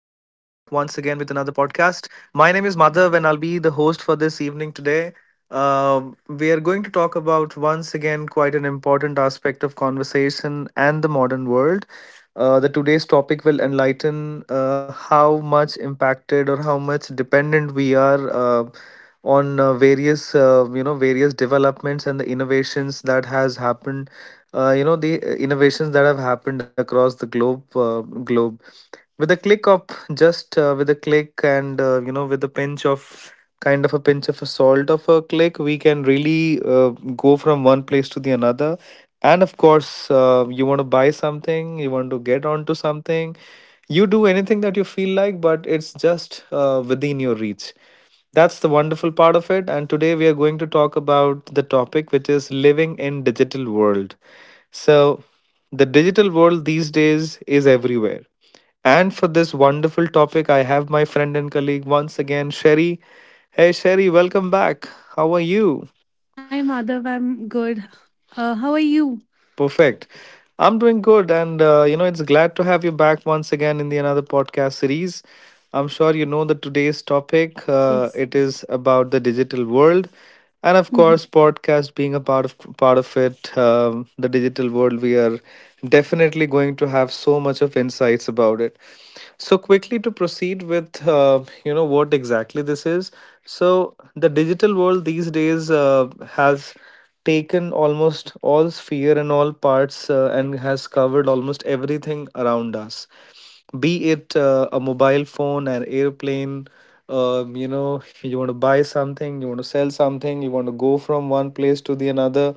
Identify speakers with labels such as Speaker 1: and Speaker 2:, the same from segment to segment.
Speaker 1: with another podcast. My name is Madhav and I'll be the host for this evening today. We are going to talk about, once again, quite an important aspect of conversation and the modern world. The today's topic will enlighten how much impacted or how much dependent we are on various various developments and the innovations that has happened, you know the innovations that have happened across the globe, globe with a click of, just with a click, and with a pinch of, kind of a pinch of a salt of a click, we can really go from one place to the another. And of course, you want to buy something, you want to get onto something, you do anything that you feel like, but it's just within your reach. That's the wonderful part of it. And today we are going to talk about the topic, which is living in digital world. So the digital world these days is everywhere. And for this wonderful topic, I have my friend and colleague once again, Sherry. Hey Sherry, welcome back. How are you?
Speaker 2: Hi, Madhav. I'm good. How are you?
Speaker 1: Perfect. I'm doing good, and it's glad to have you back once again in the another podcast series. I'm sure you know that today's topic,
Speaker 2: Yes.
Speaker 1: it is about the digital world, and of
Speaker 2: Mhm.
Speaker 1: course, podcast being a part of it, the digital world. We are definitely going to have so much of insights about it. So quickly to proceed with, what exactly this is. So the digital world these days has taken almost all sphere and all parts, and has covered almost everything around us, be it a mobile phone, an airplane. You want to buy something, you want to sell something, you want to go from one place to the another.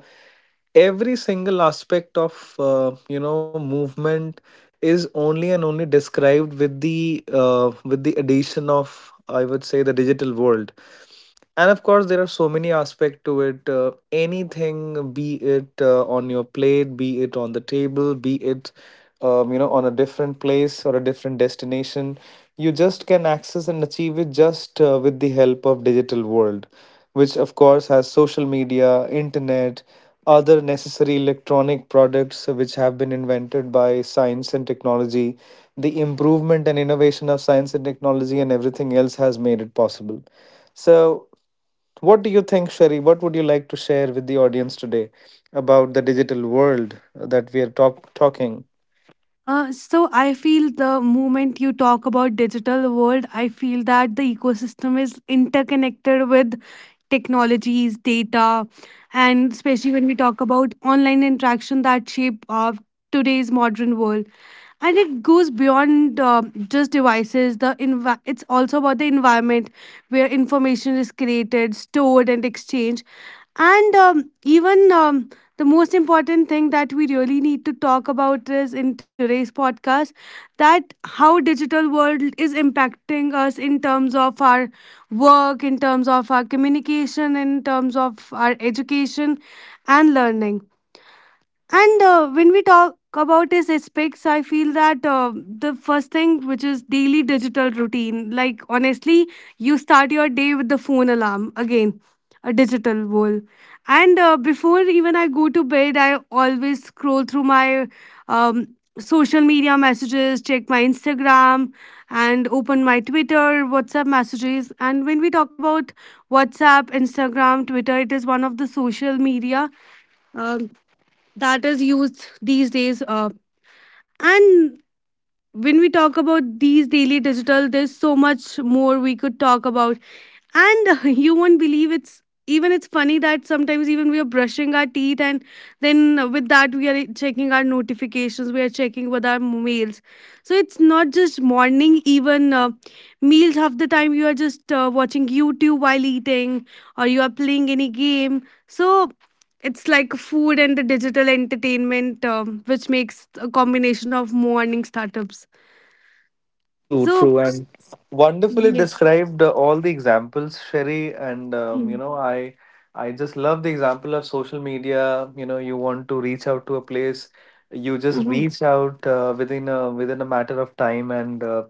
Speaker 1: Every single aspect of movement is only and only described with the addition of, I would say, the digital world. And of course, there are so many aspect to it. Anything, be it on your plate, be it on the table, be it on a different place or a different destination, you just can access and achieve it just with the help of digital world, which of course has social media, internet, other necessary electronic products which have been invented by science and technology. The improvement and innovation of science and technology and everything else has made it possible. So, what do you think, Sherry? What would you like to share with the audience today about the digital world that we are talking?
Speaker 2: So I feel the moment you talk about digital world, I feel that the ecosystem is interconnected with technologies, data, and especially when we talk about online interaction that shape today's modern world. And it goes beyond just devices. It's also about the environment where information is created, stored, and exchanged. And even the most important thing that we really need to talk about is in today's podcast, that how digital world is impacting us in terms of our work, in terms of our communication, in terms of our education and learning. And when we talk about his aspects, I feel that the first thing, which is daily digital routine, like honestly, you start your day with the phone alarm, again, a digital wall. And before even I go to bed, I always scroll through my um, social media messages, check my Instagram, and open my Twitter, WhatsApp messages. And when we talk about WhatsApp, Instagram, Twitter, it is one of the social media um that is used these days. And when we talk about these daily digital, there's so much more we could talk about, and you won't believe it's, even it's funny that sometimes even we are brushing our teeth, and then with that we are checking our notifications, we are checking with our mails. So it's not just morning, even meals, half the time you are just watching youtube while eating, or you are playing any game. So it's like food and the digital entertainment, which makes a combination of morning startups.
Speaker 1: True,
Speaker 2: So
Speaker 1: true, and wonderfully
Speaker 2: yes,
Speaker 1: described all the examples, Sherry. And um, you
Speaker 2: Mm.
Speaker 1: know, I I just love the example of social media. You know, you want to reach out to a place, you just
Speaker 2: Mhm.
Speaker 1: reach out within a matter of time, and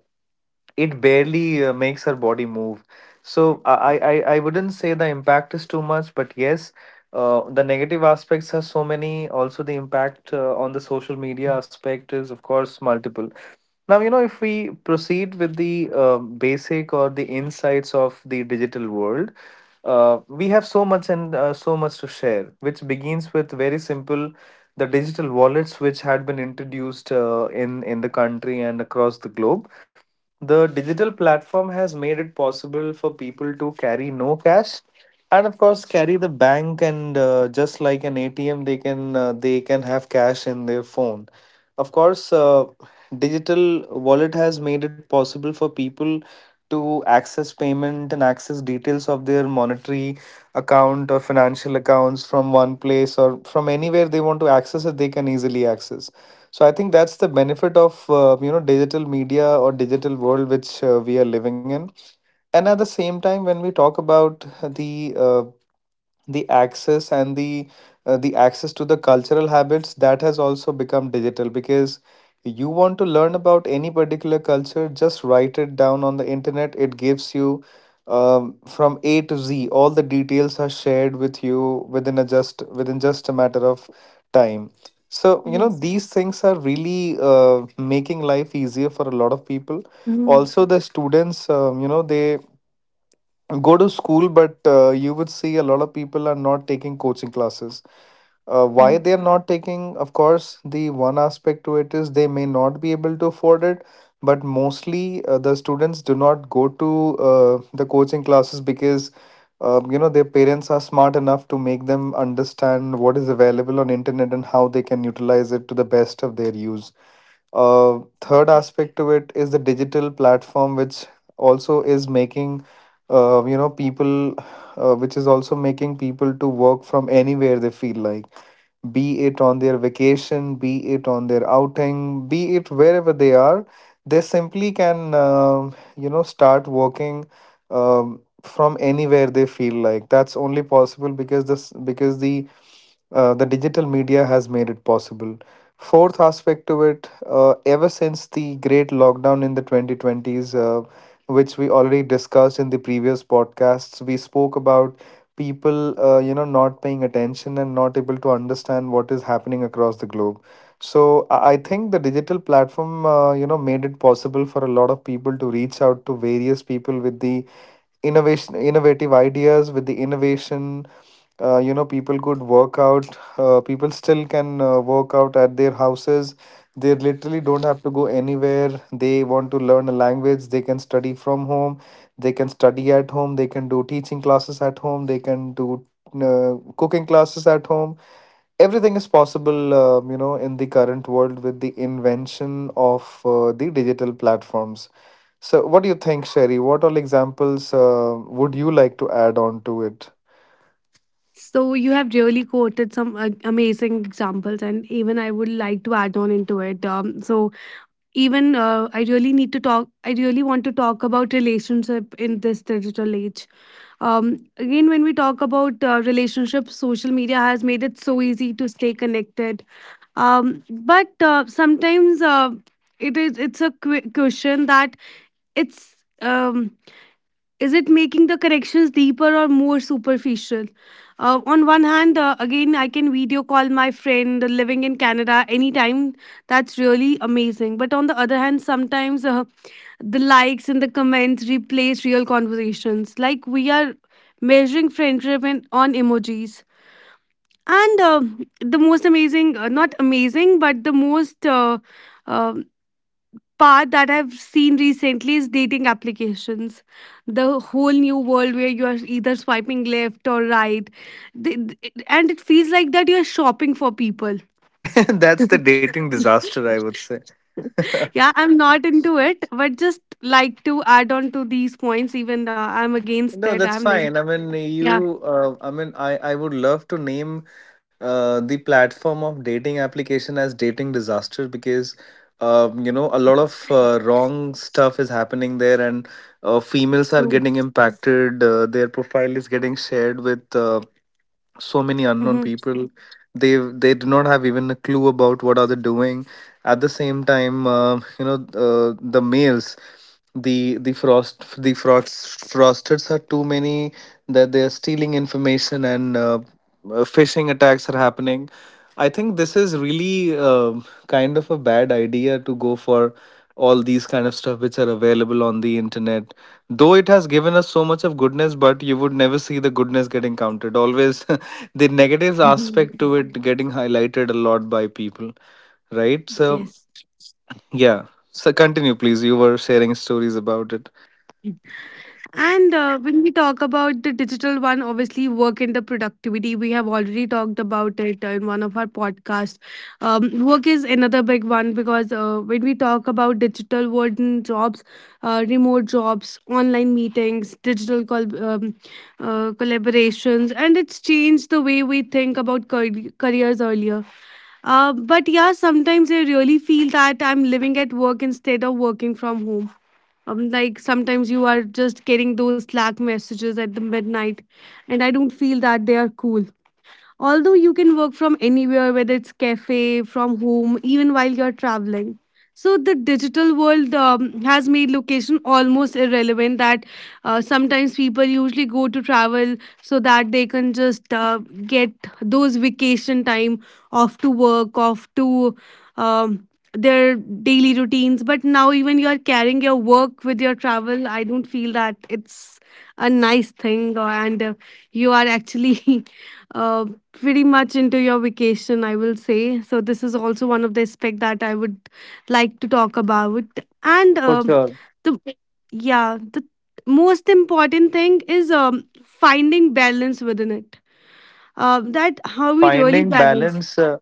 Speaker 1: it barely makes her body move. So I wouldn't say the impact is too much, but yes, the negative aspects are so many. Also, the impact on the social media aspect is, of course, multiple. Now, you know, if we proceed with the basic or the insights of the digital world, we have so much, and so much to share, which begins with very simple, the digital wallets which had been introduced in the country and across the globe. The digital platform has made it possible for people to carry no cash, and of course carry the bank, and just like an ATM, they can have cash in their phone. Of course, digital wallet has made it possible for people to access payment and access details of their monetary account or financial accounts from one place, or from anywhere they want to access it, they can easily access. So I think that's the benefit of digital media or digital world, which we are living in. And at the same time, when we talk about the access, and the access to the cultural habits, that has also become digital, because you want to learn about any particular culture, just write it down on the internet, it gives you, from a to z, all the details are shared with you within a just within just a matter of time. So
Speaker 2: Yes.
Speaker 1: these things are really making life easier for a lot of people.
Speaker 2: Mhm.
Speaker 1: Also the students, they go to school, but you would see a lot of people are not taking coaching classes. Why
Speaker 2: Mhm.
Speaker 1: they are not taking? Of course, the one aspect to it is they may not be able to afford it. But mostly, the students do not go to the coaching classes because their parents are smart enough to make them understand what is available on internet and how they can utilize it to the best of their use. Third aspect to it is the digital platform, which also is making, people, which is also making people to work from anywhere they feel like, be it on their vacation, be it on their outing, be it wherever they are, they simply can, start working from anywhere they feel like. That's only possible because this, because the digital media has made it possible. Fourth aspect to it, ever since the great lockdown in the 2020s, which we already discussed in the previous podcasts, we spoke about people not paying attention and not able to understand what is happening across the globe. So I think the digital platform, made it possible for a lot of people to reach out to various people with the innovation innovative ideas, with the innovation, people could work out. People still can work out at their houses, they literally don't have to go anywhere. They want to learn a language, they can study from home, they can study at home, they can do teaching classes at home, they can do cooking classes at home. Everything is possible, in the current world, with the invention of the digital platforms. So, what do you think, Sherry? What all examples would you like to add on to it?
Speaker 2: So you have really quoted some amazing examples, and even I would like to add on into it. So even I really need to talk. I really want to talk about relationship in this digital age. Again, when we talk about relationships, social media has made it so easy to stay connected. But sometimes, it's a question that it's. Is it making the corrections deeper or more superficial? On one hand, again, I can video call my friend living in Canada anytime. That's really amazing. But on the other hand, sometimes the likes and the comments replace real conversations. Like we are measuring friendship in, on emojis. And the most amazing, not amazing, but the most uh, part that I've seen recently is dating applications. The whole new world where you are either swiping left or right. And it feels like that you're shopping for people.
Speaker 1: That's the dating disaster, I would say.
Speaker 2: Yeah, I'm not into it, but just like to add on to these points, even I'm against
Speaker 1: No,
Speaker 2: that.
Speaker 1: that's
Speaker 2: I'm never.
Speaker 1: fine. I mean,
Speaker 2: Yeah,
Speaker 1: you. I mean, I. I would love to name the platform of dating application as dating disaster, because a lot of wrong stuff is happening there, and females are
Speaker 2: true.
Speaker 1: getting impacted, their profile is getting shared with so many unknown
Speaker 2: Hmm.
Speaker 1: people. They do not have even a clue about what are they doing. At the same time, the males, the frosters are too many, that they are stealing information, and phishing attacks are happening. I think this is really kind of a bad idea to go for, all these kind of stuff which are available on the internet. Though it has given us so much of goodness, but you would never see the goodness getting counted, always the negative aspect to it getting highlighted a lot by people, right? So,
Speaker 2: Yes.
Speaker 1: yeah, so continue please, you were sharing stories about it.
Speaker 2: And when we talk about the digital one, obviously work and the productivity, we have already talked about it in one of our podcasts. Work is another big one because when we talk about digital world and jobs, remote jobs, online meetings, digital collaborations, and it's changed the way we think about careers earlier. But yeah, sometimes I really feel that I'm living at work instead of working from home. Like sometimes you are just getting those slack messages at the midnight, and I don't feel that they are cool. Although you can work from anywhere, whether it's cafe, from home, even while you're traveling. So the digital world has made location almost irrelevant. That sometimes people usually go to travel so that they can just get those vacation time off to work, off to um, their daily routines. But now even you are carrying your work with your travel. I don't feel that it's a nice thing, and you are actually uh, pretty much into your vacation, I will say. So this is also one of the aspect that I would
Speaker 1: Yeah,
Speaker 2: like to talk about. And
Speaker 1: for sure.
Speaker 2: the yeah, the most important thing is finding balance within it. That how we really
Speaker 1: finding
Speaker 2: balance.
Speaker 1: balance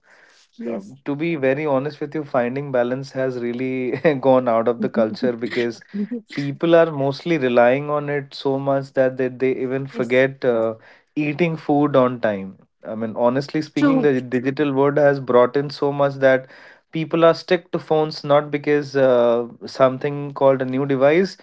Speaker 2: Yes.
Speaker 1: To be very honest with you, finding balance has really gone out of the culture, because people are mostly relying on it so much that they even
Speaker 2: Yes.
Speaker 1: forget eating food on time. I mean, honestly speaking,
Speaker 2: True.
Speaker 1: the digital world has brought in so much that people are stick to phones, not because something called a new device,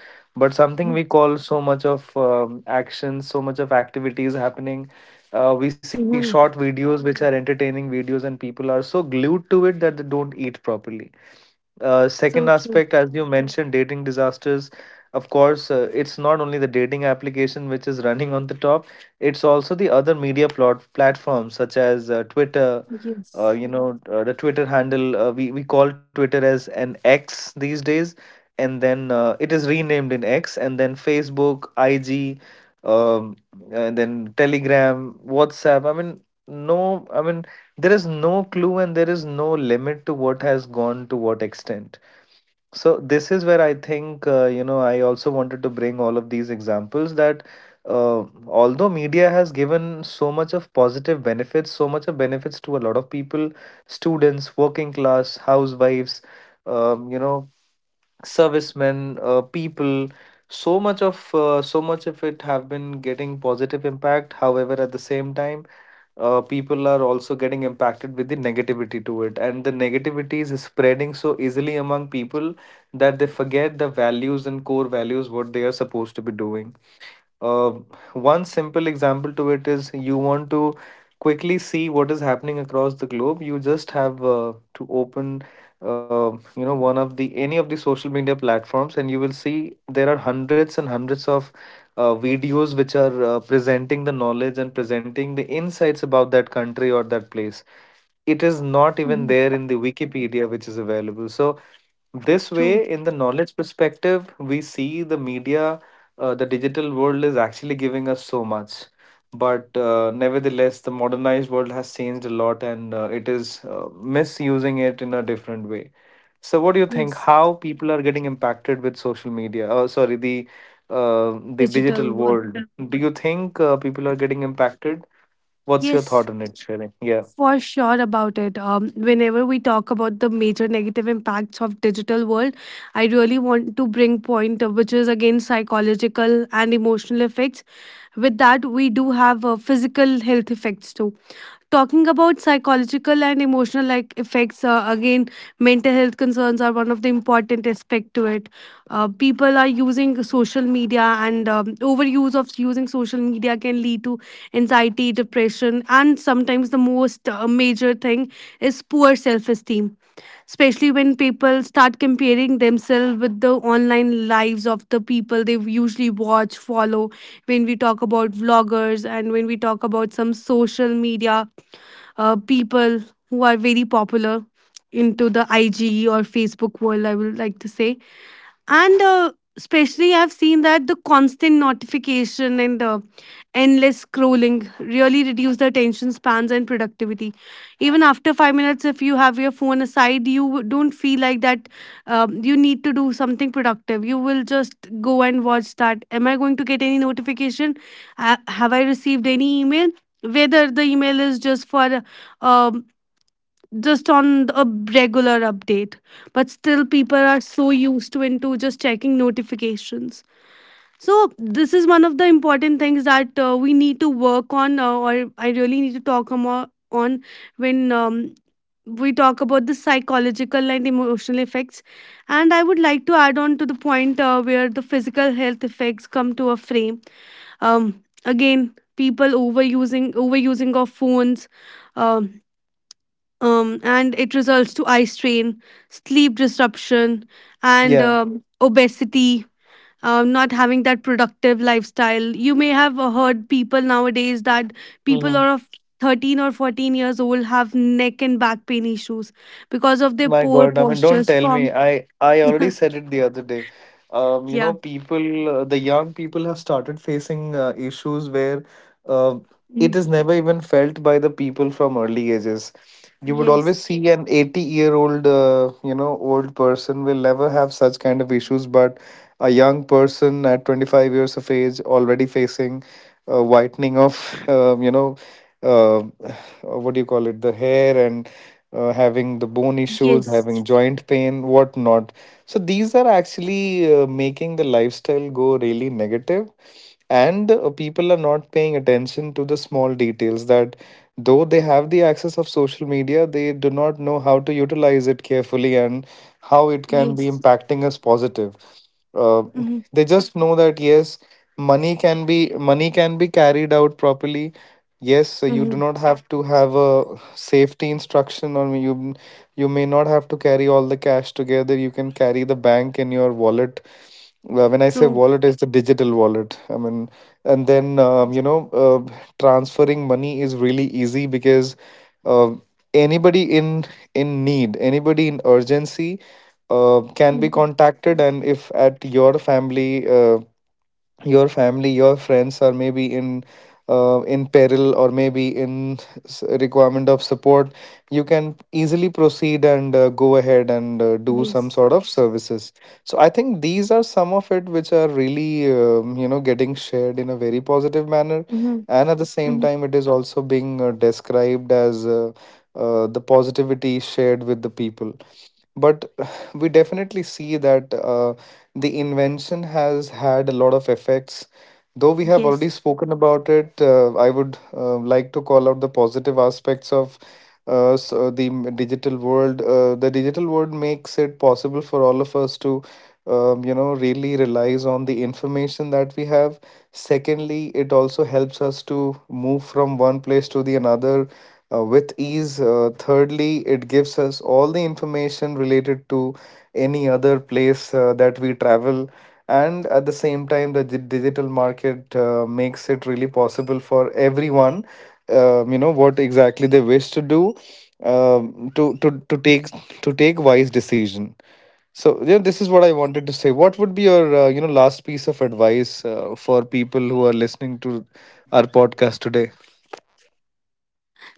Speaker 1: but something we call so much of, action, so much of activities happening. We see short
Speaker 2: Mhm.
Speaker 1: videos which are entertaining videos, and people are so glued to it that they don't eat properly. Uh,
Speaker 2: So
Speaker 1: second
Speaker 2: true.
Speaker 1: aspect, as you mentioned, dating disasters. Of course, it's not only the dating application which is running on the top, it's also the other media plot platforms such as Twitter. Uh,
Speaker 2: Yes.
Speaker 1: you know, uh, the Twitter handle, we call Twitter as an X these days, and then it is renamed in X, and then Facebook, IG, um, and then Telegram, WhatsApp. I mean, no, I mean, there is no clue and there is no limit to what has gone to what extent. So this is where I think I also wanted to bring all of these examples that although media has given so much of positive benefits, so much of benefits to a lot of people, students, working class, housewives, um, you know servicemen people so much of it have been getting positive impact. However, at the same time people are also getting impacted with the negativity to it, and the negativity is spreading so easily among people that they forget the values and core values what they are supposed to be doing. uh, One simple example to it is you want to quickly see what is happening across the globe. You just have to open, one of the any of the social media platforms, and you will see there are hundreds and hundreds of videos which are presenting the knowledge and presenting the insights about that country or that place. It is not even
Speaker 2: Mhm.
Speaker 1: there in the Wikipedia, which is available. So this
Speaker 2: True.
Speaker 1: way in the knowledge perspective we see the media, the digital world is actually giving us so much. But nevertheless, the modernized world has changed a lot, and it is misusing it in a different way. So, what do you think?
Speaker 2: Yes.
Speaker 1: How people are getting impacted with social media? Oh, sorry, the
Speaker 2: Digital
Speaker 1: digital
Speaker 2: world.
Speaker 1: world. Do you think people are getting impacted? What's your
Speaker 2: Yes.
Speaker 1: thought on it, Sherry? Yeah.
Speaker 2: For sure about it. Whenever we talk about the major negative impacts of digital world, I really want to bring point which is again psychological and emotional effects. With that, we do have physical health effects too. Talking about psychological and emotional like effects, again, mental health concerns are one of the important aspect to it. People are using social media, and overuse of using social media can lead to anxiety, depression, and sometimes the most major thing is poor self-esteem, especially when people start comparing themselves with the online lives of the people they usually watch, follow. When we talk about vloggers, and when we talk about some social media people who are very popular into the IG or Facebook world, I would like to say. And especially, I've seen that the constant notification and endless scrolling really reduce the attention spans and productivity. Even after 5 minutes, if you have your phone aside, you don't feel like that, you need to do something productive. You will just go and watch that, am I going to get any notification? Have I received any email, whether the email is just for um, just on a regular update? But still people are so used to into just checking notifications. So this is one of the important things that we need to work on, or I really need to talk more on when we talk about the psychological and emotional effects. And I would like to add on to the point where the physical health effects come to a frame. Again, people overusing of phones, um, and it results to eye strain, sleep disruption, and
Speaker 1: Yeah.
Speaker 2: obesity, not having that productive lifestyle. You may have heard people nowadays that people
Speaker 1: Hmm.
Speaker 2: are of 13 or 14 years old have neck and back pain issues because of their
Speaker 1: My
Speaker 2: poor
Speaker 1: God, I mean, don't
Speaker 2: postures
Speaker 1: tell me.
Speaker 2: from.
Speaker 1: I already said it the other day. You
Speaker 2: Yeah.
Speaker 1: know, people, the young people have started facing issues where uh,
Speaker 2: Mm,
Speaker 1: it is never even felt by the people from early ages. You would
Speaker 2: yes.
Speaker 1: always see an 80-year-old, old person will never have such kind of issues, but a young person at 25 years of age already facing whitening of, um, you know, uh, what do you call it, the hair and having the bone issues,
Speaker 2: Yes.
Speaker 1: having joint pain, whatnot. So these are actually making the lifestyle go really negative, and people are not paying attention to the small details that though they have the access of social media, they do not know how to utilize it carefully and how it can be
Speaker 2: Yes.
Speaker 1: impacting us positive. uh,
Speaker 2: Mm-hmm.
Speaker 1: they just know that, yes, money can be carried out properly. Yes, so you do
Speaker 2: Mm-hmm.
Speaker 1: not have to have a safety instruction, or you may not have to carry all the cash together. You can carry the bank in your wallet. Well, when I say
Speaker 2: True.
Speaker 1: wallet is the digital wallet, I mean, and then
Speaker 2: Yes.
Speaker 1: transferring money is really easy because uh, anybody in need, anybody in urgency can be
Speaker 2: Mm-hmm.
Speaker 1: contacted. And if at your family your family your friends are maybe in peril or maybe in requirement of support, you can easily proceed and go ahead and do some
Speaker 2: Yes.
Speaker 1: sort of services. So I think these are some of it which are really getting shared in a very positive manner,
Speaker 2: Mm-hmm.
Speaker 1: and at the same
Speaker 2: Mm-hmm.
Speaker 1: time it is also being described as the positivity shared with the people. But we definitely see that the invention has had a lot of effects. Though we have already
Speaker 2: Yes.
Speaker 1: spoken about it, I would like to call out the positive aspects of digital world. The digital world makes it possible for all of us to, really relies on the information that we have. Secondly, it also helps us to move from one place to the another with ease. Thirdly, it gives us all the information related to any other place that we travel. And at the same time, the digital market makes it really possible for everyone, what exactly they wish to do, um, to, to, to take to take wise decision. So, yeah, this is what I wanted to say. What would be your, last piece of advice for people who are listening to our podcast today?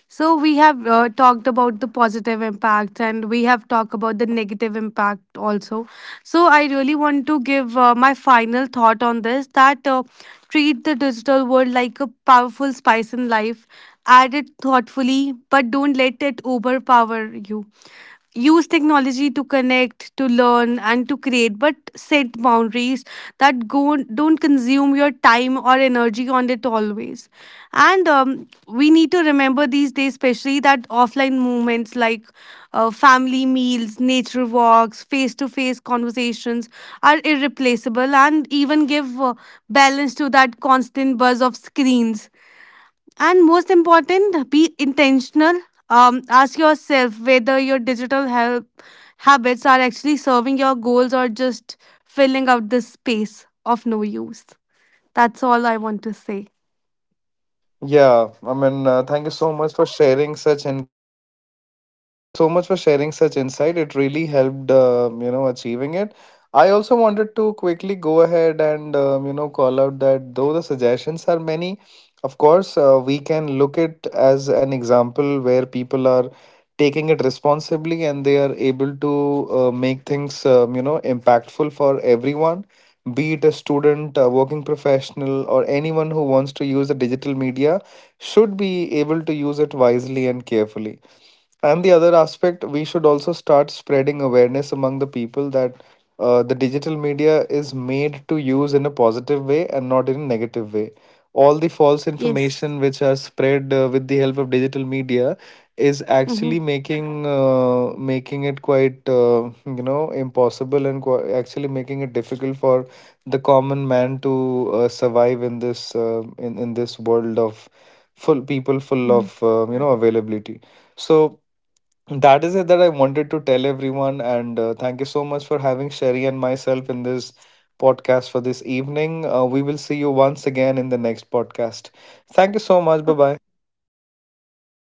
Speaker 2: So we have talked about the positive impact, and we have talked about the negative impact also. So I really want to give my final thought on this, that treat the digital world like a powerful spice in life. Add it thoughtfully, but don't let it overpower you. Use technology to connect, to learn, and to create decide, but set boundaries that go don't consume your time or energy on it always. And we need to remember these days, especially that offline moments, like family meals, nature walks, face-to-face conversations, are irreplaceable and even give balance to that constant buzz of screens. And most important, be intentional. Ask yourself whether your digital help habits are actually serving your goals or just filling out the space of no use. That's all I want to say.
Speaker 1: Yeah, I mean, Thank you so much for sharing such insight. It really helped, achieving it. I also wanted to quickly go ahead and, call out that though the suggestions are many, of course, we can look it as an example where people are taking it responsibly, and they are able to make things, impactful for everyone, be it a student, a working professional, or anyone who wants to use the digital media should be able to use it wisely and carefully. And the other aspect, we should also start spreading awareness among the people that the digital media is made to use in a positive way and not in a negative way. All the false
Speaker 2: Yes.
Speaker 1: information which are spread with the help of digital media is
Speaker 2: Mm-hmm.
Speaker 1: actually making making it quite impossible, and actually making it difficult for the common man to survive in this in this world of full people full of availability. So that is it that I wanted to tell everyone. And thank you so much for having Sherry and myself in this podcast for this evening. We will see you once again in the next podcast. Thank you so much. Bye bye.
Speaker 2: Bye bye.